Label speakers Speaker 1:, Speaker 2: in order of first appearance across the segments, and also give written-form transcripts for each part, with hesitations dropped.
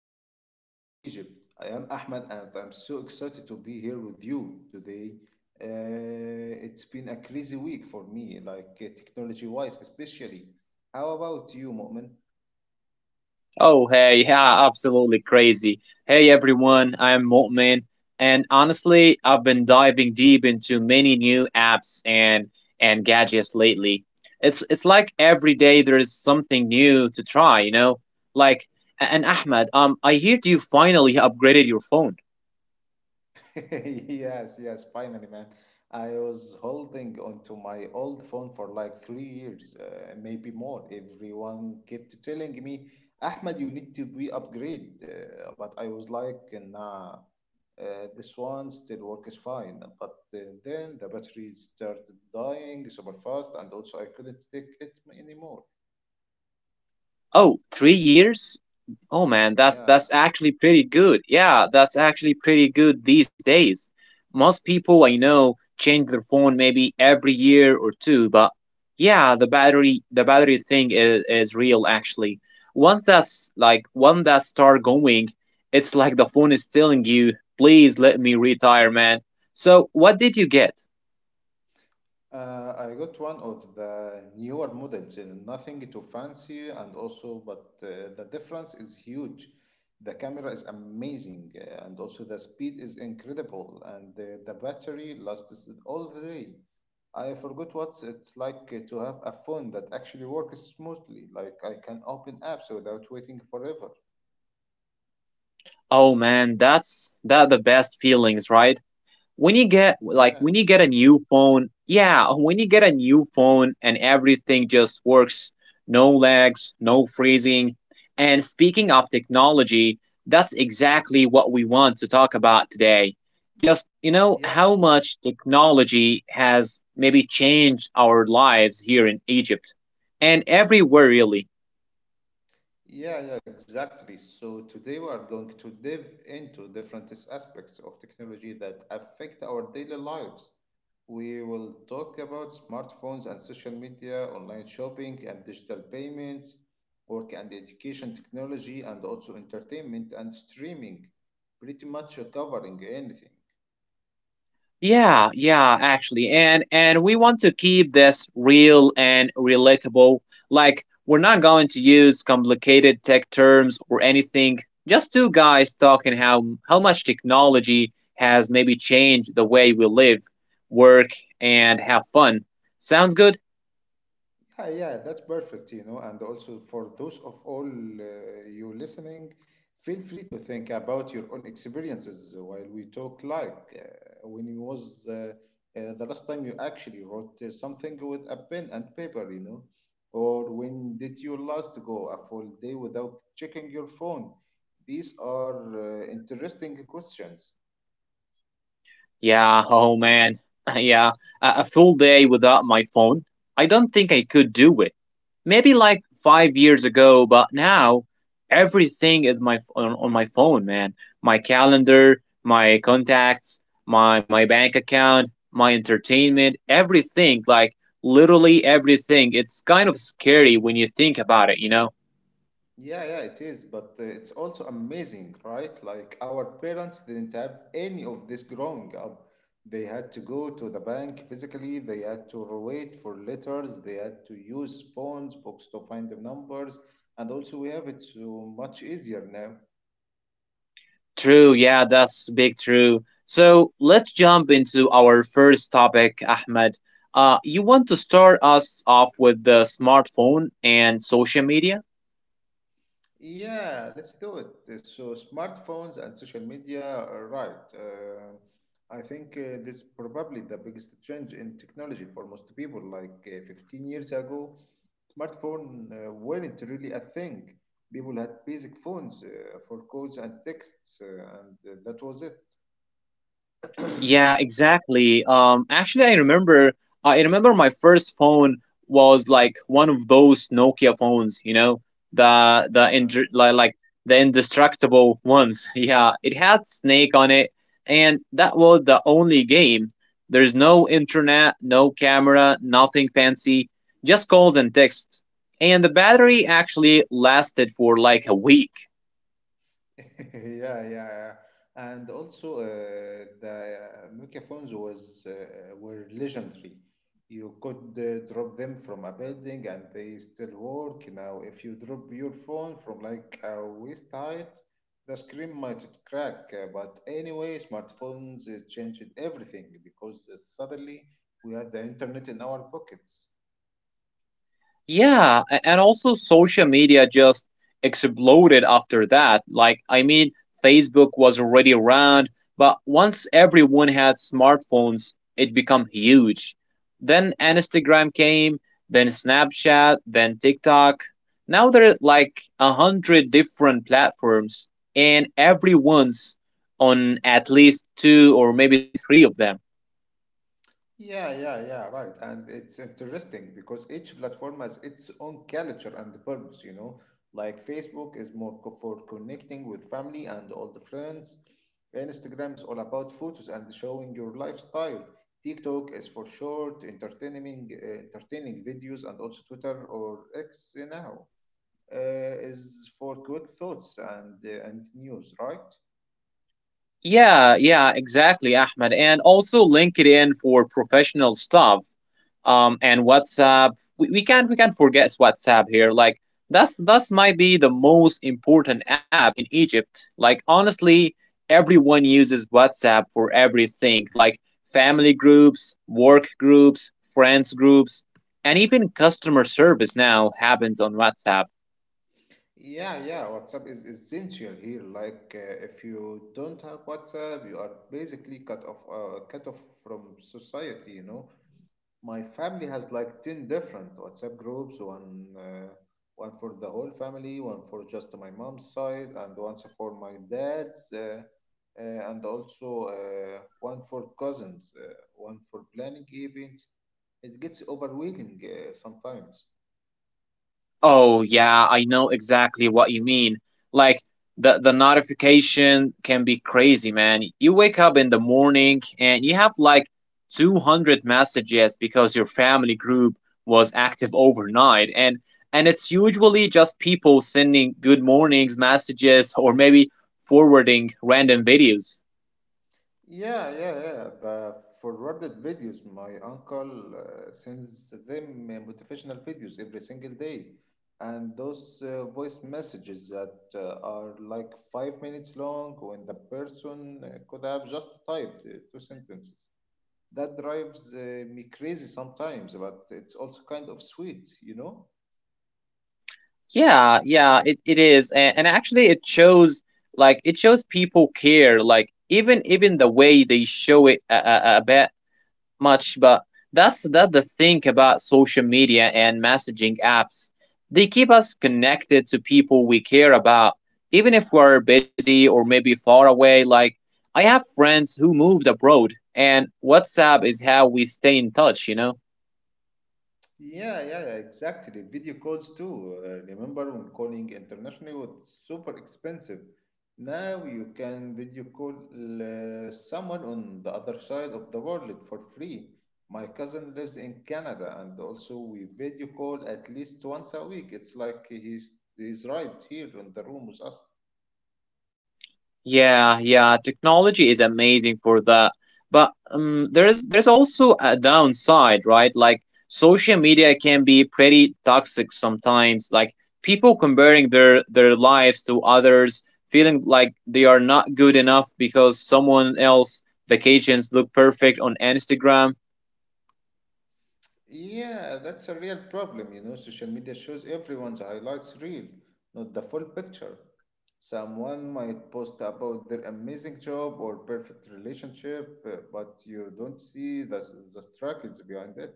Speaker 1: back to TikTok Egypt. I am Ahmed and I'm so excited to be here with you today. It's been a crazy week for me, like technology wise, especially. How about you, Mu'min?
Speaker 2: Oh, hey, yeah, absolutely crazy. Hey, everyone, I'm Mu'min, and honestly, I've been diving deep into many new apps and gadgets lately. It's like every day there is something new to try, you know? Like, and Ahmed, I heard you finally upgraded your phone.
Speaker 1: Yes, yes, finally, man. I was holding onto my old phone for like 3 years, maybe more. Everyone kept telling me, Ahmed, you need to be upgrade. But I was like, nah, uh, this one still works fine. But then the battery started dying super fast, and also I couldn't take it anymore.
Speaker 2: Oh, 3 years? Oh man, that's
Speaker 1: Yeah.
Speaker 2: that's actually pretty good. Yeah, that's actually pretty good these days. Most people I know change their phone maybe every year or two, but yeah, the battery thing is real actually. Once that start going, it's like the phone is telling you, please let me retire, man. So what did you get?
Speaker 1: I got one of the newer models, nothing too fancy, and also, but the difference is huge. The camera is amazing, and also the speed is incredible, and the battery lasts all the day. I forgot what it's like to have a phone that actually works smoothly, like I can open apps without waiting forever.
Speaker 2: Oh man, that's that the best feelings, right? when you get like
Speaker 1: Yeah,
Speaker 2: when you get a new phone, yeah, when you get a new phone and everything just works, no lags, no freezing. And speaking of technology, that's exactly what we want to talk about today. Just, you know,
Speaker 1: yeah.
Speaker 2: how much technology has maybe changed our lives here in Egypt and everywhere really.
Speaker 1: Yeah, yeah, exactly. So today we are going to dive into different aspects of technology that affect our daily lives. We will talk about smartphones and social media, online shopping and digital payments, work and education technology, and also entertainment and streaming, pretty much covering anything.
Speaker 2: Yeah, yeah, actually. And we want to keep this real and relatable. Like, we're not going to use complicated tech terms or anything. Just two guys talking how much technology has maybe changed the way we live, work, and have fun. Sounds good?
Speaker 1: Yeah, yeah, that's perfect, you know. And also for those of all you listening, feel free to think about your own experiences while we talk. Like when you was the last time you actually wrote something with a pen and paper, you know, or when did you last go a full day without checking your phone? These are interesting questions.
Speaker 2: Yeah, oh man. Yeah, a full day without my phone. I don't think I could do it. Maybe like 5 years ago, but now everything is on my phone, man. My calendar, my contacts, my bank account, my entertainment, everything, like literally everything. It's kind of scary when you think about it, you know?
Speaker 1: Yeah, yeah, it is, but it's also amazing, right? Like our parents didn't have any of this growing up. They had to go to the bank physically, they had to wait for letters, they had to use phones, books to find the numbers, and also we have it so much easier now.
Speaker 2: True, yeah, that's big true. So let's jump into our first topic, Ahmed. You want to start us off with the smartphone and social media?
Speaker 1: Yeah, let's do it. So, smartphones and social media are right. I think this is probably the biggest change in technology for most people. Like 15 years ago, smartphone weren't really a thing. People had basic phones for calls and texts, and that was it.
Speaker 2: Yeah, exactly. Actually, I remember. I remember my first phone was like one of those Nokia phones. You know, the the ind-
Speaker 1: Yeah.
Speaker 2: like, like the indestructible ones. Yeah, it had Snake on it, and that was the only game. There's no internet, no camera, nothing fancy. Just calls and texts. And the battery actually lasted for like a week.
Speaker 1: Yeah, yeah, yeah. And also, the Nokia phones was were legendary. You could drop them from a building and they still work. Now, if you drop your phone from like a waist height, the screen might crack. But anyway, smartphones changed everything because suddenly we had the internet in our pockets.
Speaker 2: Yeah, and also social media just exploded after that. Like, I mean, Facebook was already around, but once everyone had smartphones, it became huge. Then Instagram came, then Snapchat, then TikTok. Now there are like a hundred different platforms, and everyone's on at least two or maybe three of them.
Speaker 1: Yeah, yeah, yeah, right. And it's interesting because each platform has its own culture and purpose, you know. Like Facebook is more for connecting with family and old friends. Instagram is all about photos and showing your lifestyle. TikTok is for short, entertaining, entertaining videos, and also Twitter or X now uh, is for quick thoughts and news, right?
Speaker 2: Yeah, yeah, exactly, Ahmed. And also LinkedIn for professional stuff. And WhatsApp, we can't forget WhatsApp here. Like, that's might be the most important app in Egypt, like, honestly, everyone uses WhatsApp for everything, like family groups, work groups, friends groups, and even customer service now happens on WhatsApp.
Speaker 1: Yeah, yeah, WhatsApp is essential here. Like, if you don't have WhatsApp, you are basically cut off from society, you know. My family has like 10 different WhatsApp groups, one for the whole family, one for just my mom's side, and one for my dad's, and also one for cousins, one for planning events. It gets overwhelming sometimes.
Speaker 2: Oh yeah, I know exactly what you mean. Like, the notification can be crazy, man. You wake up in the morning and you have like 200 messages because your family group was active overnight, and it's usually just people sending good mornings messages or maybe forwarding random videos.
Speaker 1: Yeah, yeah, yeah. The forwarded videos. My uncle sends them motivational videos every single day. And those voice messages that are like 5 minutes long when the person could have just typed two sentences. That drives me crazy sometimes, but it's also kind of sweet, you know?
Speaker 2: Yeah, yeah, it is. And actually it shows people care, like even the way they show it, a, much, but that's that the thing about social media and messaging apps. They keep us connected to people we care about, even if we're busy or maybe far away. Like, I have friends who moved abroad, and WhatsApp is how we stay in touch, you know?
Speaker 1: Yeah, yeah, yeah, exactly. Video calls too. Remember when calling internationally was super expensive? Now you can video call someone on the other side of the world for free. My cousin lives in Canada, and also we video call at least once a week. It's like he's right here in the room with us.
Speaker 2: Yeah, yeah, technology is amazing for that. But there's also a downside, right? Like, social media can be pretty toxic sometimes. Like, people comparing their lives to others, feeling like they are not good enough because someone else vacations look perfect on Instagram.
Speaker 1: Yeah, that's a real problem. You know, social media shows everyone's highlights reel, not the full picture. Someone might post about their amazing job or perfect relationship, but you don't see the struggles behind it.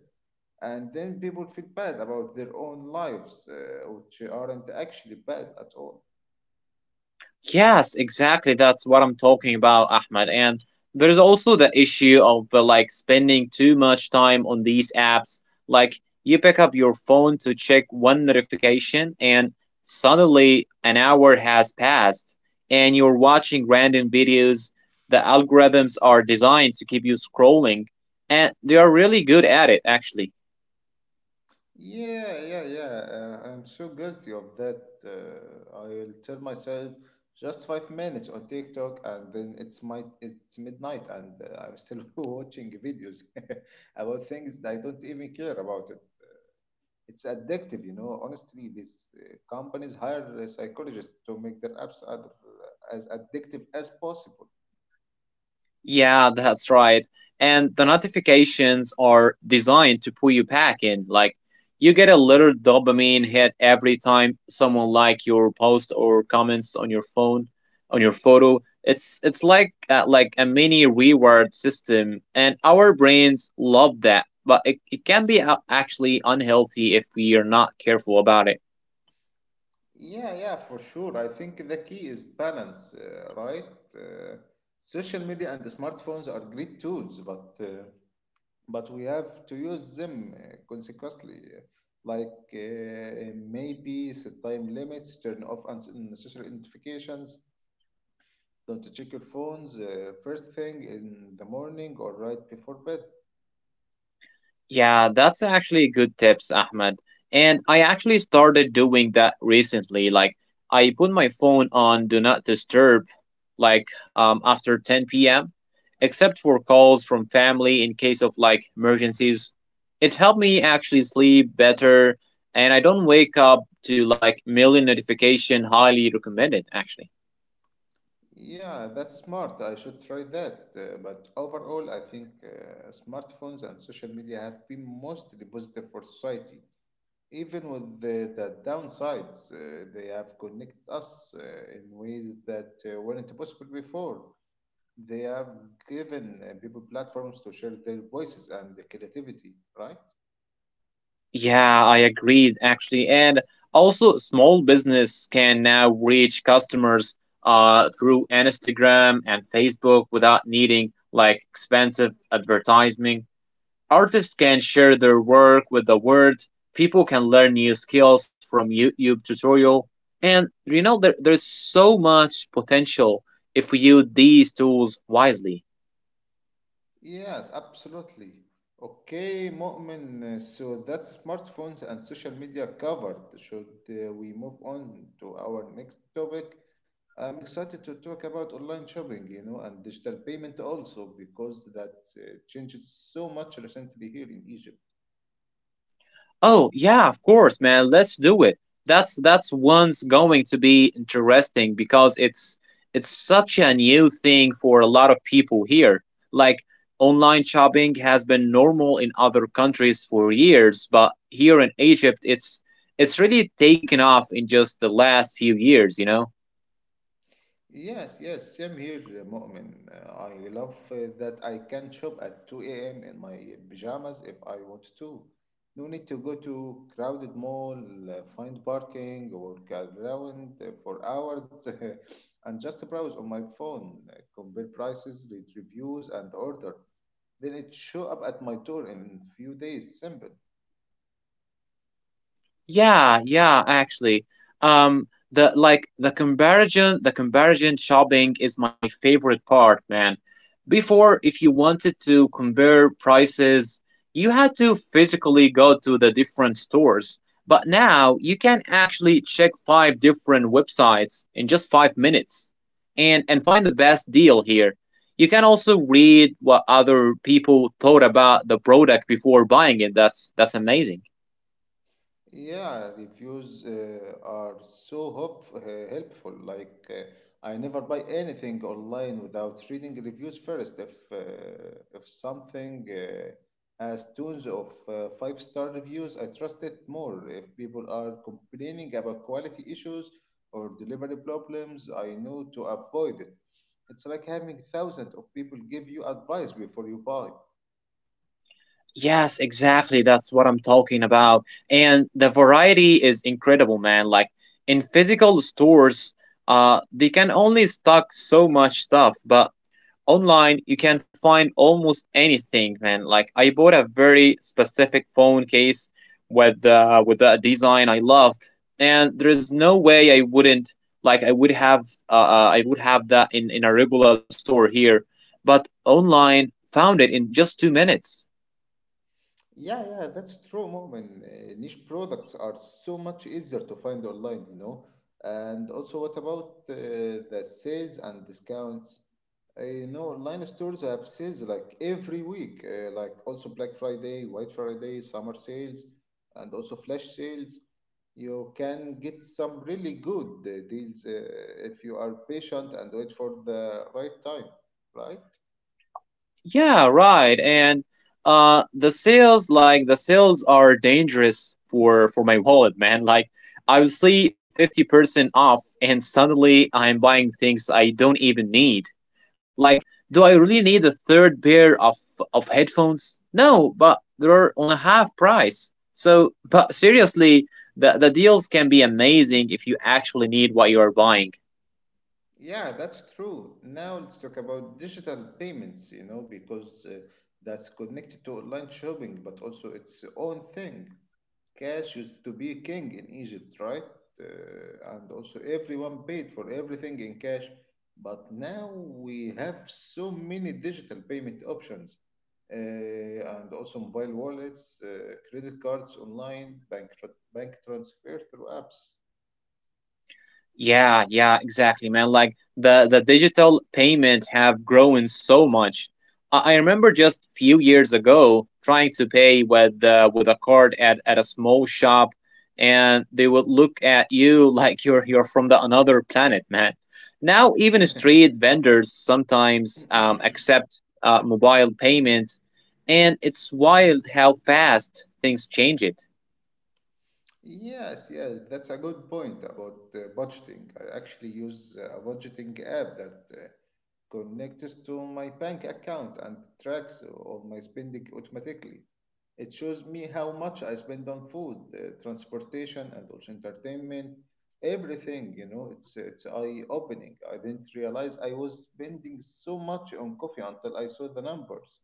Speaker 1: And then people feel bad about their own lives, which aren't actually bad at all.
Speaker 2: Yes, exactly. That's what I'm talking about, Ahmed. And there's also the issue of like spending too much time on these apps. Like, you pick up your phone to check one notification, and suddenly an hour has passed, and you're watching random videos. The algorithms are designed to keep you scrolling, and they are really good at it, actually.
Speaker 1: Yeah, yeah, yeah. I'm so guilty of that. I'll tell myself just 5 minutes on TikTok, and then it's midnight, and I'm still watching videos about things that I don't even care about it. It's addictive, you know. Honestly, these companies hire psychologists to make their apps as addictive as possible.
Speaker 2: Yeah, that's right. And the notifications are designed to pull you back in. Like, you get a little dopamine hit every time someone like your post or comments on your phone, on your photo. It's like a mini reward system, and our brains love that. But it can be actually unhealthy if we are not careful about it.
Speaker 1: Yeah, yeah, for sure. I think the key is balance, right? Uh, Social media and the smartphones are great tools, but we have to use them consequently. Like maybe set time limits, turn off unnecessary notifications, don't check your phones first thing in the morning or right before bed.
Speaker 2: Yeah, that's actually good tips, Ahmed. And I actually started doing that recently. Like, I put my phone on Do Not Disturb, like, after 10 p.m., except for calls from family in case of, like, emergencies. It helped me actually sleep better, and I don't wake up to, like, million notification. Highly recommended, actually.
Speaker 1: Yeah, that's smart. I should try that. But overall, I think smartphones and social media have been mostly positive for society. Even with the downsides, they have connected us in ways that weren't possible before. They have given people platforms to share their voices and their creativity, right?
Speaker 2: Yeah, I agreed actually. And also, small business can now reach customers through Instagram and Facebook without needing like expensive advertising. Artists can share their work with the world. People can learn new skills from YouTube tutorial. And you know, there's so much potential if we use these tools wisely.
Speaker 1: Yes, absolutely. Okay, Mu'min, so that's smartphones and social media covered. Should we move on to our next topic? I'm excited to talk about online shopping, you know, and digital payment also because that changed so much recently here in Egypt.
Speaker 2: Oh yeah, of course, man. Let's do it. That's one's going to be interesting because it's such a new thing for a lot of people here. Like, online shopping has been normal in other countries for years, but here in Egypt it's really taken off in just the last few years, you know?
Speaker 1: Yes, yes, same here, Mu'min. I love that I can shop at 2 a.m. in my pajamas if I want to. No need to go to crowded mall, find parking, or walk around for hours and just browse on my phone, compare prices, read reviews, and order. Then it show up at my door in few days. Simple.
Speaker 2: Yeah, yeah, actually. The comparison shopping is my favorite part, man. Before, if you wanted to compare prices, you had to physically go to the different stores. But now you can actually check five different websites in just 5 minutes and find the best deal here. You can also read what other people thought about the product before buying it. That's amazing.
Speaker 1: Yeah, reviews are so helpful. Like, I never buy anything online without reading reviews first. If something has tons of five-star reviews, I trust it more. If people are complaining about quality issues or delivery problems, I know to avoid it. It's like having thousands of people give you advice before you buy.
Speaker 2: Yes, exactly. That's what I'm talking about. And the variety is incredible, man. Like, in physical stores, they can only stock so much stuff, but online you can find almost anything, man. Like, I bought a very specific phone case with a design I loved, and there's no way I wouldn't like I would have that in a regular store here, but online found it in just 2 minutes.
Speaker 1: Yeah, yeah, that's true, Moment. Niche products are so much easier to find online, you know. And also, what about the sales and discounts? You know, online stores have sales like every week, like also Black Friday, White Friday, summer sales, and also flash sales. You can get some really good deals if you are patient and wait for the right time, right?
Speaker 2: Yeah, right. And the sales are dangerous for my wallet, man. Like, I will see 50% off and suddenly I'm buying things I don't even need. Like, do I really need a third pair of headphones? No, but they're on a half price. So, but seriously, the deals can be amazing if you actually need what you are buying.
Speaker 1: Yeah, that's true. Now let's talk about digital payments, you know, because that's connected to online shopping, but also its own thing. Cash used to be king in Egypt, right? And also everyone paid for everything in cash. But now we have so many digital payment options, and also mobile wallets, credit cards online, bank transfer through apps.
Speaker 2: Yeah, yeah, exactly, man. Like, the digital payment have grown so much. I remember just few years ago trying to pay with a card at a small shop, and they would look at you like you're from the another planet, man. Now even street vendors sometimes accept mobile payments, and it's wild how fast things change it.
Speaker 1: Yes, yes, that's a good point about budgeting. I actually use a budgeting app that connects to my bank account and tracks all my spending automatically. It shows me how much I spend on food, transportation, and also entertainment. Everything, you know, it's eye-opening. I didn't realize I was spending so much on coffee until I saw the numbers.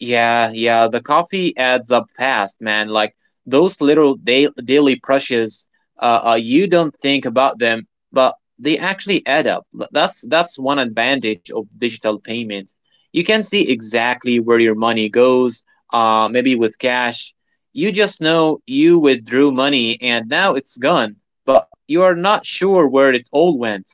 Speaker 2: Yeah, yeah, the coffee adds up fast, man. Like, those little daily brushes, you don't think about them, but they actually add up. That's one advantage of digital payments. You can see exactly where your money goes. Maybe with cash, you just know you withdrew money and now it's gone, but you are not sure where it all went.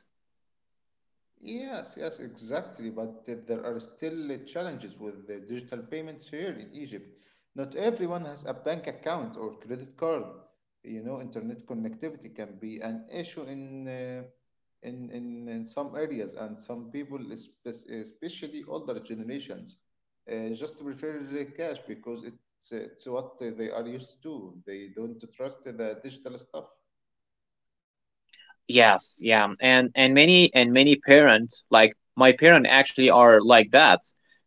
Speaker 1: Yes, yes, exactly. But there are still challenges with the digital payments here in Egypt. Not everyone has a bank account or credit card. You know, internet connectivity can be an issue in some areas, and some people, especially older generations, just prefer the cash because it's what they are used to. They don't trust the digital stuff.
Speaker 2: Yes, yeah. And many parents like my parents actually are like that.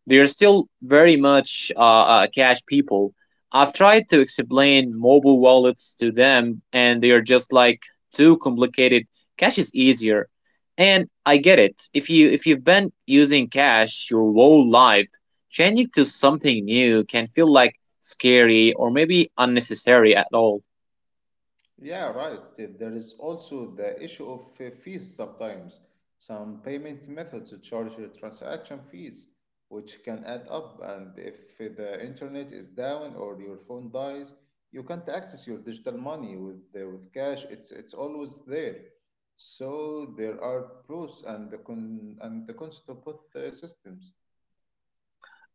Speaker 2: They're still very much cash people. I've tried to explain mobile wallets to them and they are just like too complicated. Cash is easier. And I get it. If you've been using cash your whole life, changing to something new can feel like scary or maybe unnecessary at all.
Speaker 1: Yeah, right. There is also the issue of fees sometimes. Some payment methods charge you transaction fees, which can add up. And if the internet is down or your phone dies, you can't access your digital money with cash. It's always there. So there are pros and the cons to both systems.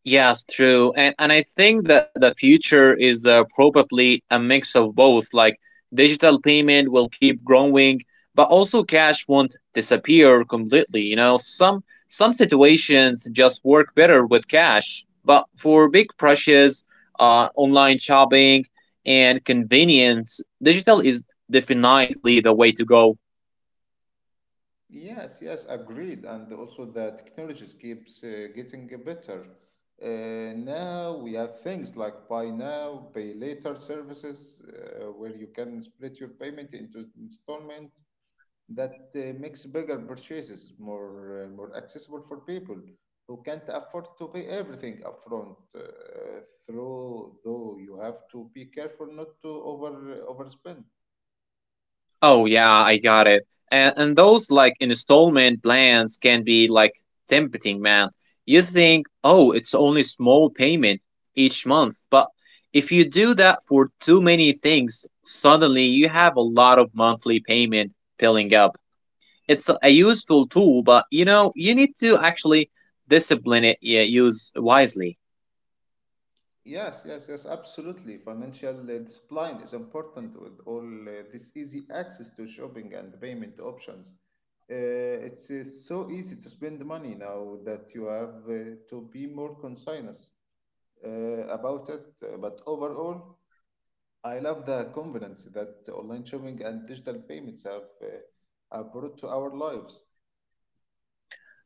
Speaker 2: Yes, true. And I think that the future is probably a mix of both. Like, digital payment will keep growing, but also cash won't disappear completely. You know, some situations just work better with cash, but for big purchases, online shopping and convenience, digital is definitely the way to go.
Speaker 1: Yes, yes, agreed. And also the technologies keeps getting better. Now we have things like buy now, pay later services, where you can split your payment into installment that makes bigger purchases more accessible for people who can't afford to pay everything upfront. Through though you have to be careful not to overspend.
Speaker 2: Oh yeah, I got it. And those like installment plans can be like tempting, man. You think, oh, it's only small payment each month, but if you do that for too many things, suddenly you have a lot of monthly payment piling up. It's a useful tool, but you know you need to actually discipline it. Yeah, use wisely.
Speaker 1: Yes, yes, yes, absolutely. Financial discipline is important with all this easy access to shopping and payment options. It's so easy to spend money now that you have to be more conscious uh, about it. But overall, I love the convenience that online shopping and digital payments have brought to our lives.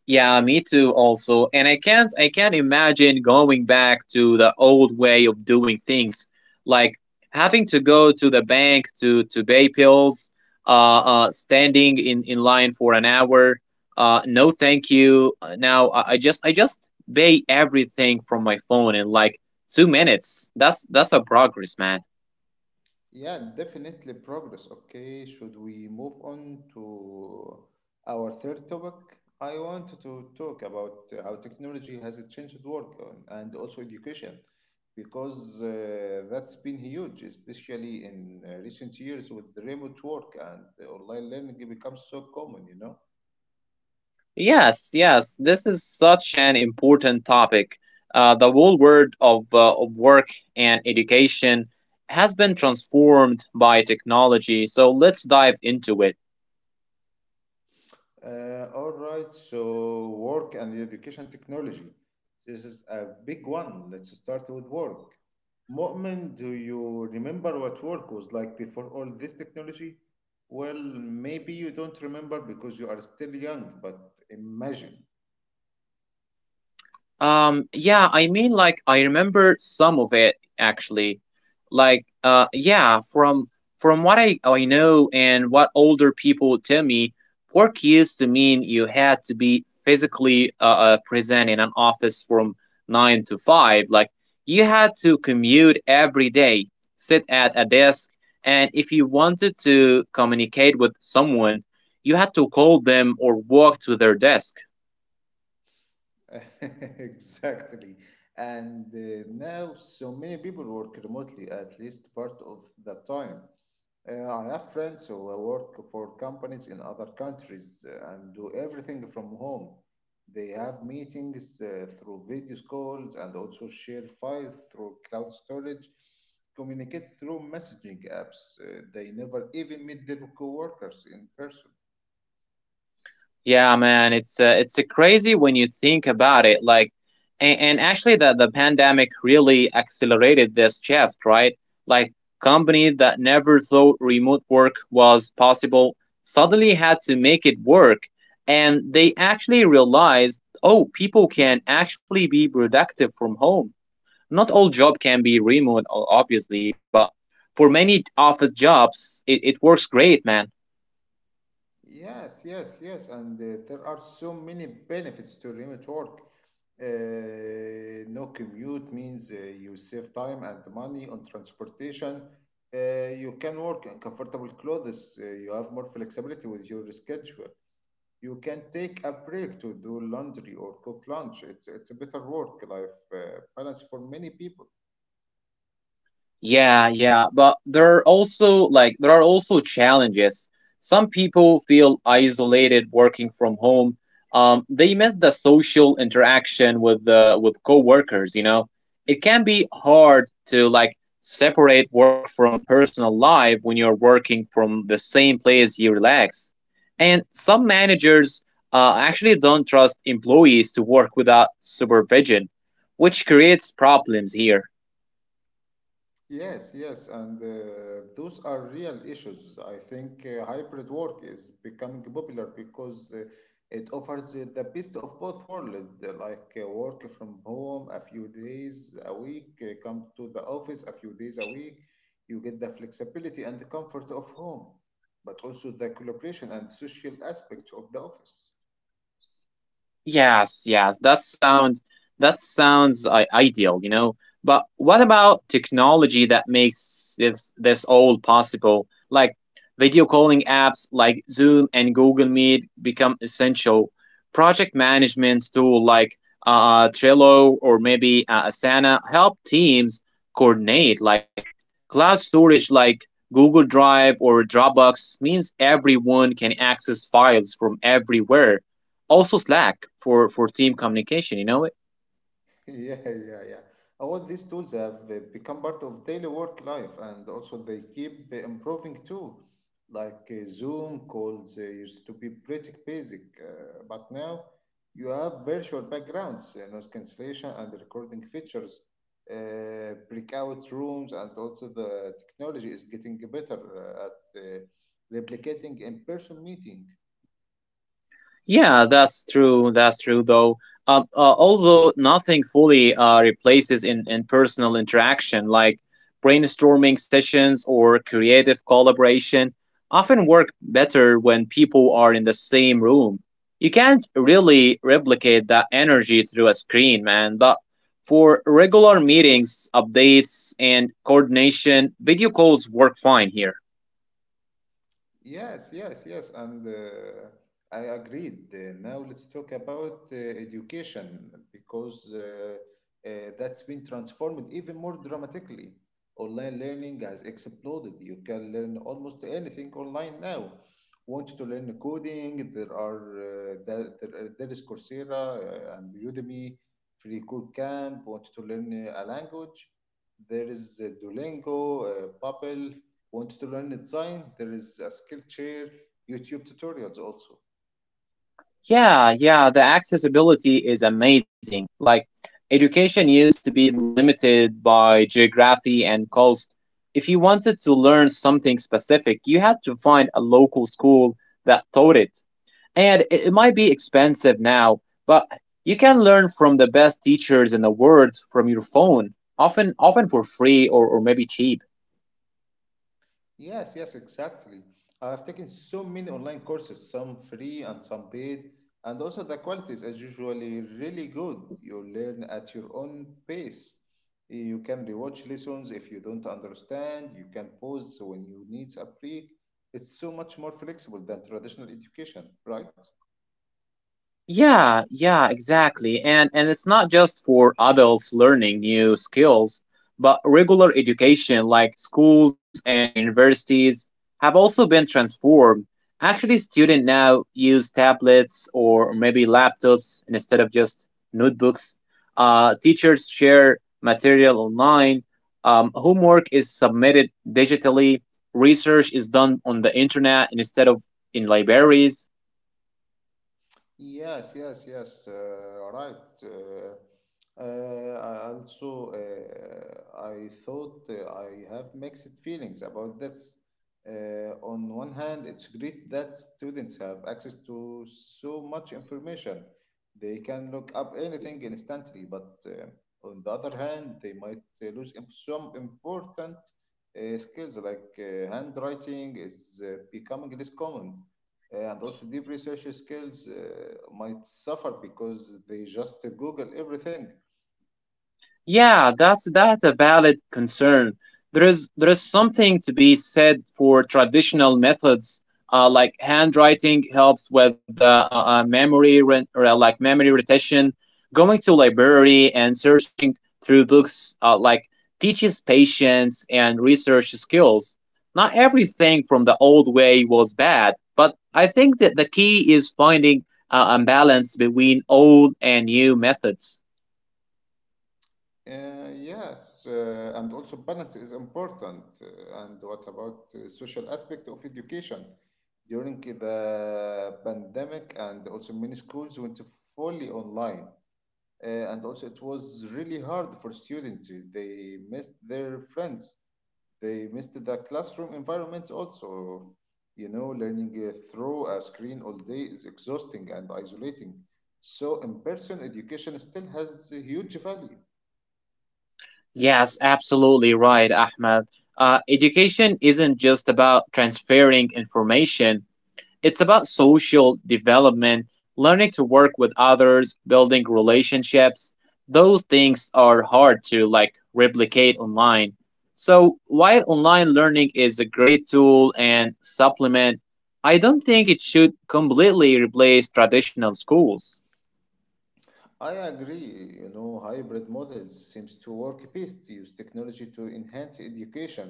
Speaker 2: Yeah, me too also. And I can't imagine going back to the old way of doing things. Like, having to go to the bank to pay bills, standing in line for an hour. Uh, no thank you. Now I just pay everything from my phone in like 2 minutes. That's a progress, man.
Speaker 1: Yeah, definitely progress. Okay, should we move on to our third topic? I wanted to talk about how technology has changed work and also education because that's been huge, especially in recent years with the remote work and the online learning becomes so common.
Speaker 2: Yes, yes, this is such an important topic. The whole world of work and education has been transformed by technology, so let's dive into it.
Speaker 1: All right, so work and education technology. This is a big one. Let's start with work. Mu'min, do you remember what work was like before all this technology? Well, maybe you don't remember because you are still young, but imagine.
Speaker 2: I remember some of it actually. Like, uh, yeah, from from what I know and what older people tell me, work used to mean you had to be physically present in an office from nine to five. Like, you had to commute every day, sit at a desk, and if you wanted to communicate with someone, you had to call them or walk to their desk.
Speaker 1: Exactly. And now so many people work remotely at least part of the time. I have friends who work for companies in other countries and do everything from home. They have meetings through video calls and also share files through cloud storage, communicate through messaging apps. They never even meet their coworkers in person.
Speaker 2: Yeah, man, it's crazy when you think about it. And actually, the pandemic really accelerated this shift, right? Like, companies that never thought remote work was possible suddenly had to make it work, and they actually realized, oh, people can actually be productive from home. Not all job can be remote, obviously, but for many office jobs, it works great, man.
Speaker 1: Yes, yes, yes, and there are so many benefits to remote work. No commute means you save time and money on transportation. You can work in comfortable clothes. You have more flexibility with your schedule. You can take a break to do laundry or cook lunch. It's a better work life balance for many people.
Speaker 2: Yeah, yeah, but there are also challenges. Some people feel isolated working from home. They miss the social interaction with coworkers. You know, it can be hard to like separate work from personal life when you're working from the same place you relax. And some managers actually don't trust employees to work without supervision, which creates problems here.
Speaker 1: Yes, yes, and those are real issues. I think hybrid work is becoming popular because it offers the best of both worlds, like work from home a few days a week, come to the office a few days a week. You get the flexibility and the comfort of home, but also the collaboration and social aspect of the office.
Speaker 2: Yes, yes, that sounds that sounds ideal, you know. But what about technology that makes this all possible? Like video calling apps like Zoom and Google Meet become essential. Project management tool like Trello or maybe Asana help teams coordinate. Like cloud storage like Google Drive or Dropbox means everyone can access files from everywhere, also Slack for team communication, you know it.
Speaker 1: Yeah, yeah, yeah. All these tools have become part of daily work life, and also they keep improving too. Like Zoom calls used to be pretty basic, but now you have virtual backgrounds, noise cancellation, and recording features, breakout rooms, and also the technology is getting better at replicating in-person meeting.
Speaker 2: Yeah, that's true, though although nothing fully replaces in personal interaction, like brainstorming sessions or creative collaboration often work better when people are in the same room. You can't really replicate that energy through a screen, man, but for regular meetings, updates, and coordination, video calls work fine here.
Speaker 1: Yes, yes, yes, and I agreed. Now let's talk about education because that's been transformed even more dramatically. Online learning has exploded. You can learn almost anything online now. Want to learn coding? There are there, there, there is Coursera and Udemy, Free Code Camp. Want to learn a language? There is Duolingo, Babbel. Want to learn design? There is a skill chair, YouTube tutorials also.
Speaker 2: Yeah, yeah, the accessibility is amazing. Like, education used to be limited by geography and cost. If you wanted to learn something specific, you had to find a local school that taught it. And it might be expensive now, but you can learn from the best teachers in the world from your phone, often for free, or maybe cheap.
Speaker 1: Yes, yes, exactly. I have taken so many online courses, some free and some paid, and also the quality is usually really good. You learn at your own pace. You can rewatch lessons if you don't understand. You can pause when you need a break. It's so much more flexible than traditional education, right?
Speaker 2: Yeah, yeah, exactly. And it's not just for adults learning new skills, but regular education like schools and universities have also been transformed. Actually, students now use tablets or maybe laptops instead of just notebooks. Teachers share material online. Homework is submitted digitally. Research is done on the internet instead of in libraries.
Speaker 1: Yes, yes, yes, right. Uh, I also, I thought I have mixed feelings about this. On one hand, it's great that students have access to so much information. They can look up anything instantly, but on the other hand, they might lose some important skills like handwriting is becoming less common and also deep research skills might suffer because they just google everything.
Speaker 2: Yeah, that's a valid concern. There is something to be said for traditional methods, like handwriting helps with memory, memory retention. Going to library and searching through books, teaches patience and research skills. Not everything from the old way was bad, but I think that the key is finding a balance between old and new methods.
Speaker 1: Yes, and also balance is important. And what about social aspect of education during the pandemic? And also many schools went fully online. And also it was really hard for students. They missed their friends. They missed the classroom environment also. You know, learning through a screen all day is exhausting and isolating. So, in person education still has a huge value.
Speaker 2: Yes, absolutely right, Ahmed. Education isn't just about transferring information, it's about social development, learning to work with others, building relationships. Those things are hard to like replicate online. So, while online learning is a great tool and supplement, I don't think it should completely replace traditional schools.
Speaker 1: I agree. Hybrid models seems to work best. Use technology to enhance education,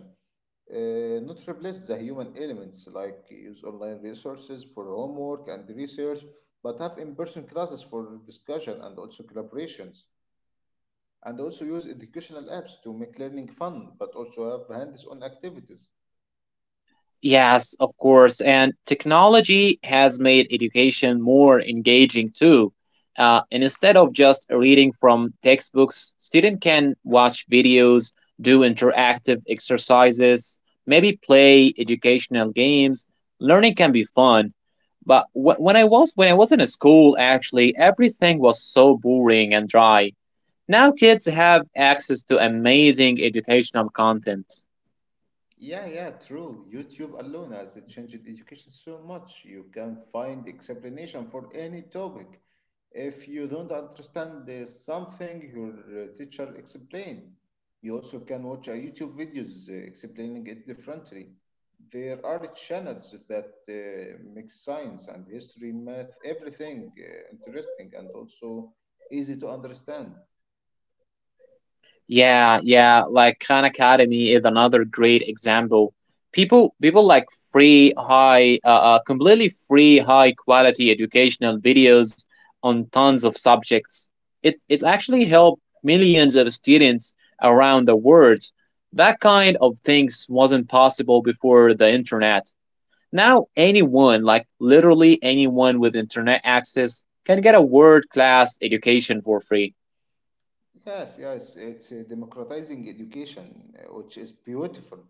Speaker 1: not replace the human elements, like use online resources for homework and research, but have in person classes for discussion and also collaborations. And also use educational apps to make learning fun, but also have hands-on activities.
Speaker 2: Yes, of course. And technology has made education more engaging too. And instead of just reading from textbooks, students can watch videos, do interactive exercises, maybe play educational games. Learning can be fun. But when I was in a school, actually, everything was so boring and dry. Now kids have access to amazing educational content.
Speaker 1: Yeah, yeah, true. YouTube alone has changed education so much. You can find explanation for any topic. If you don't understand something your teacher explained, you also can watch YouTube videos explaining it differently. There are channels that mix science and history, math, everything interesting and also easy to understand.
Speaker 2: Yeah, yeah, like Khan Academy is another great example. People, like free, completely free, high quality educational videos on tons of subjects. It actually helped millions of students around the world. That kind of things wasn't possible before the internet. Now anyone, like literally anyone with internet access, can get a world class education for free.
Speaker 1: Yes, yes, it's democratizing education, which is beautiful.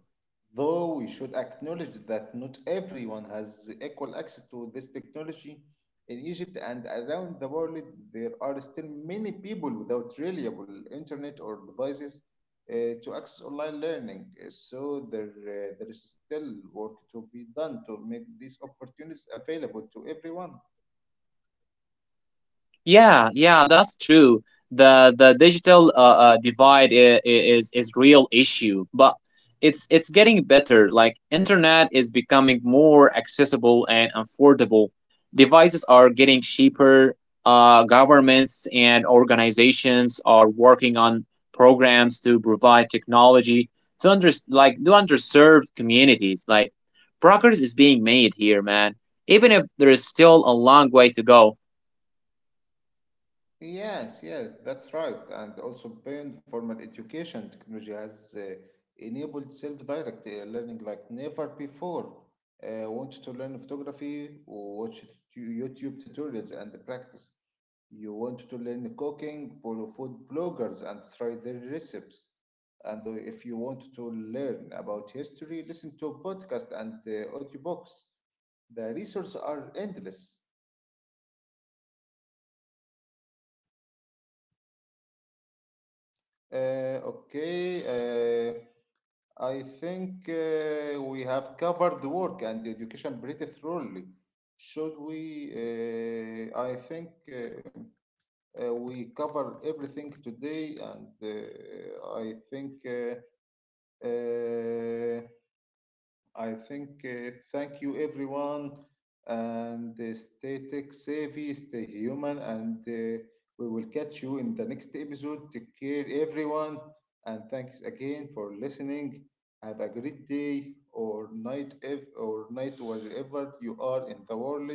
Speaker 1: Though we should acknowledge that not everyone has equal access to this technology. In Egypt and around the world, there are still many people without reliable internet or devices to access online learning. So there is still work to be done to make these opportunities available to everyone.
Speaker 2: Yeah, yeah, that's true. The digital divide is real issue, but it's getting better. Like internet is becoming more accessible and affordable. Devices are getting cheaper. Governments and organizations are working on programs to provide technology to underserved communities. Like progress is being made here, man, even if there is still a long way to go.
Speaker 1: Yes, yes, that's right. And also beyond formal education, technology has enabled self-directed learning like never before. Want to learn photography? Watch YouTube tutorials and practice. You want to learn cooking? Follow food bloggers and try their recipes. And if you want to learn about history, listen to podcasts and audiobooks. The resources are endless. Okay. I think we have covered work and education pretty thoroughly. Should we? I think we covered everything today, and uh, I think thank you everyone and stay tech savvy, stay human, and we will catch you in the next episode. Take care everyone, and thanks again for listening. Have a great day or night if, or night wherever you are in the world.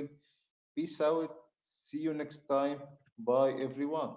Speaker 1: Peace out. See you next time. Bye everyone.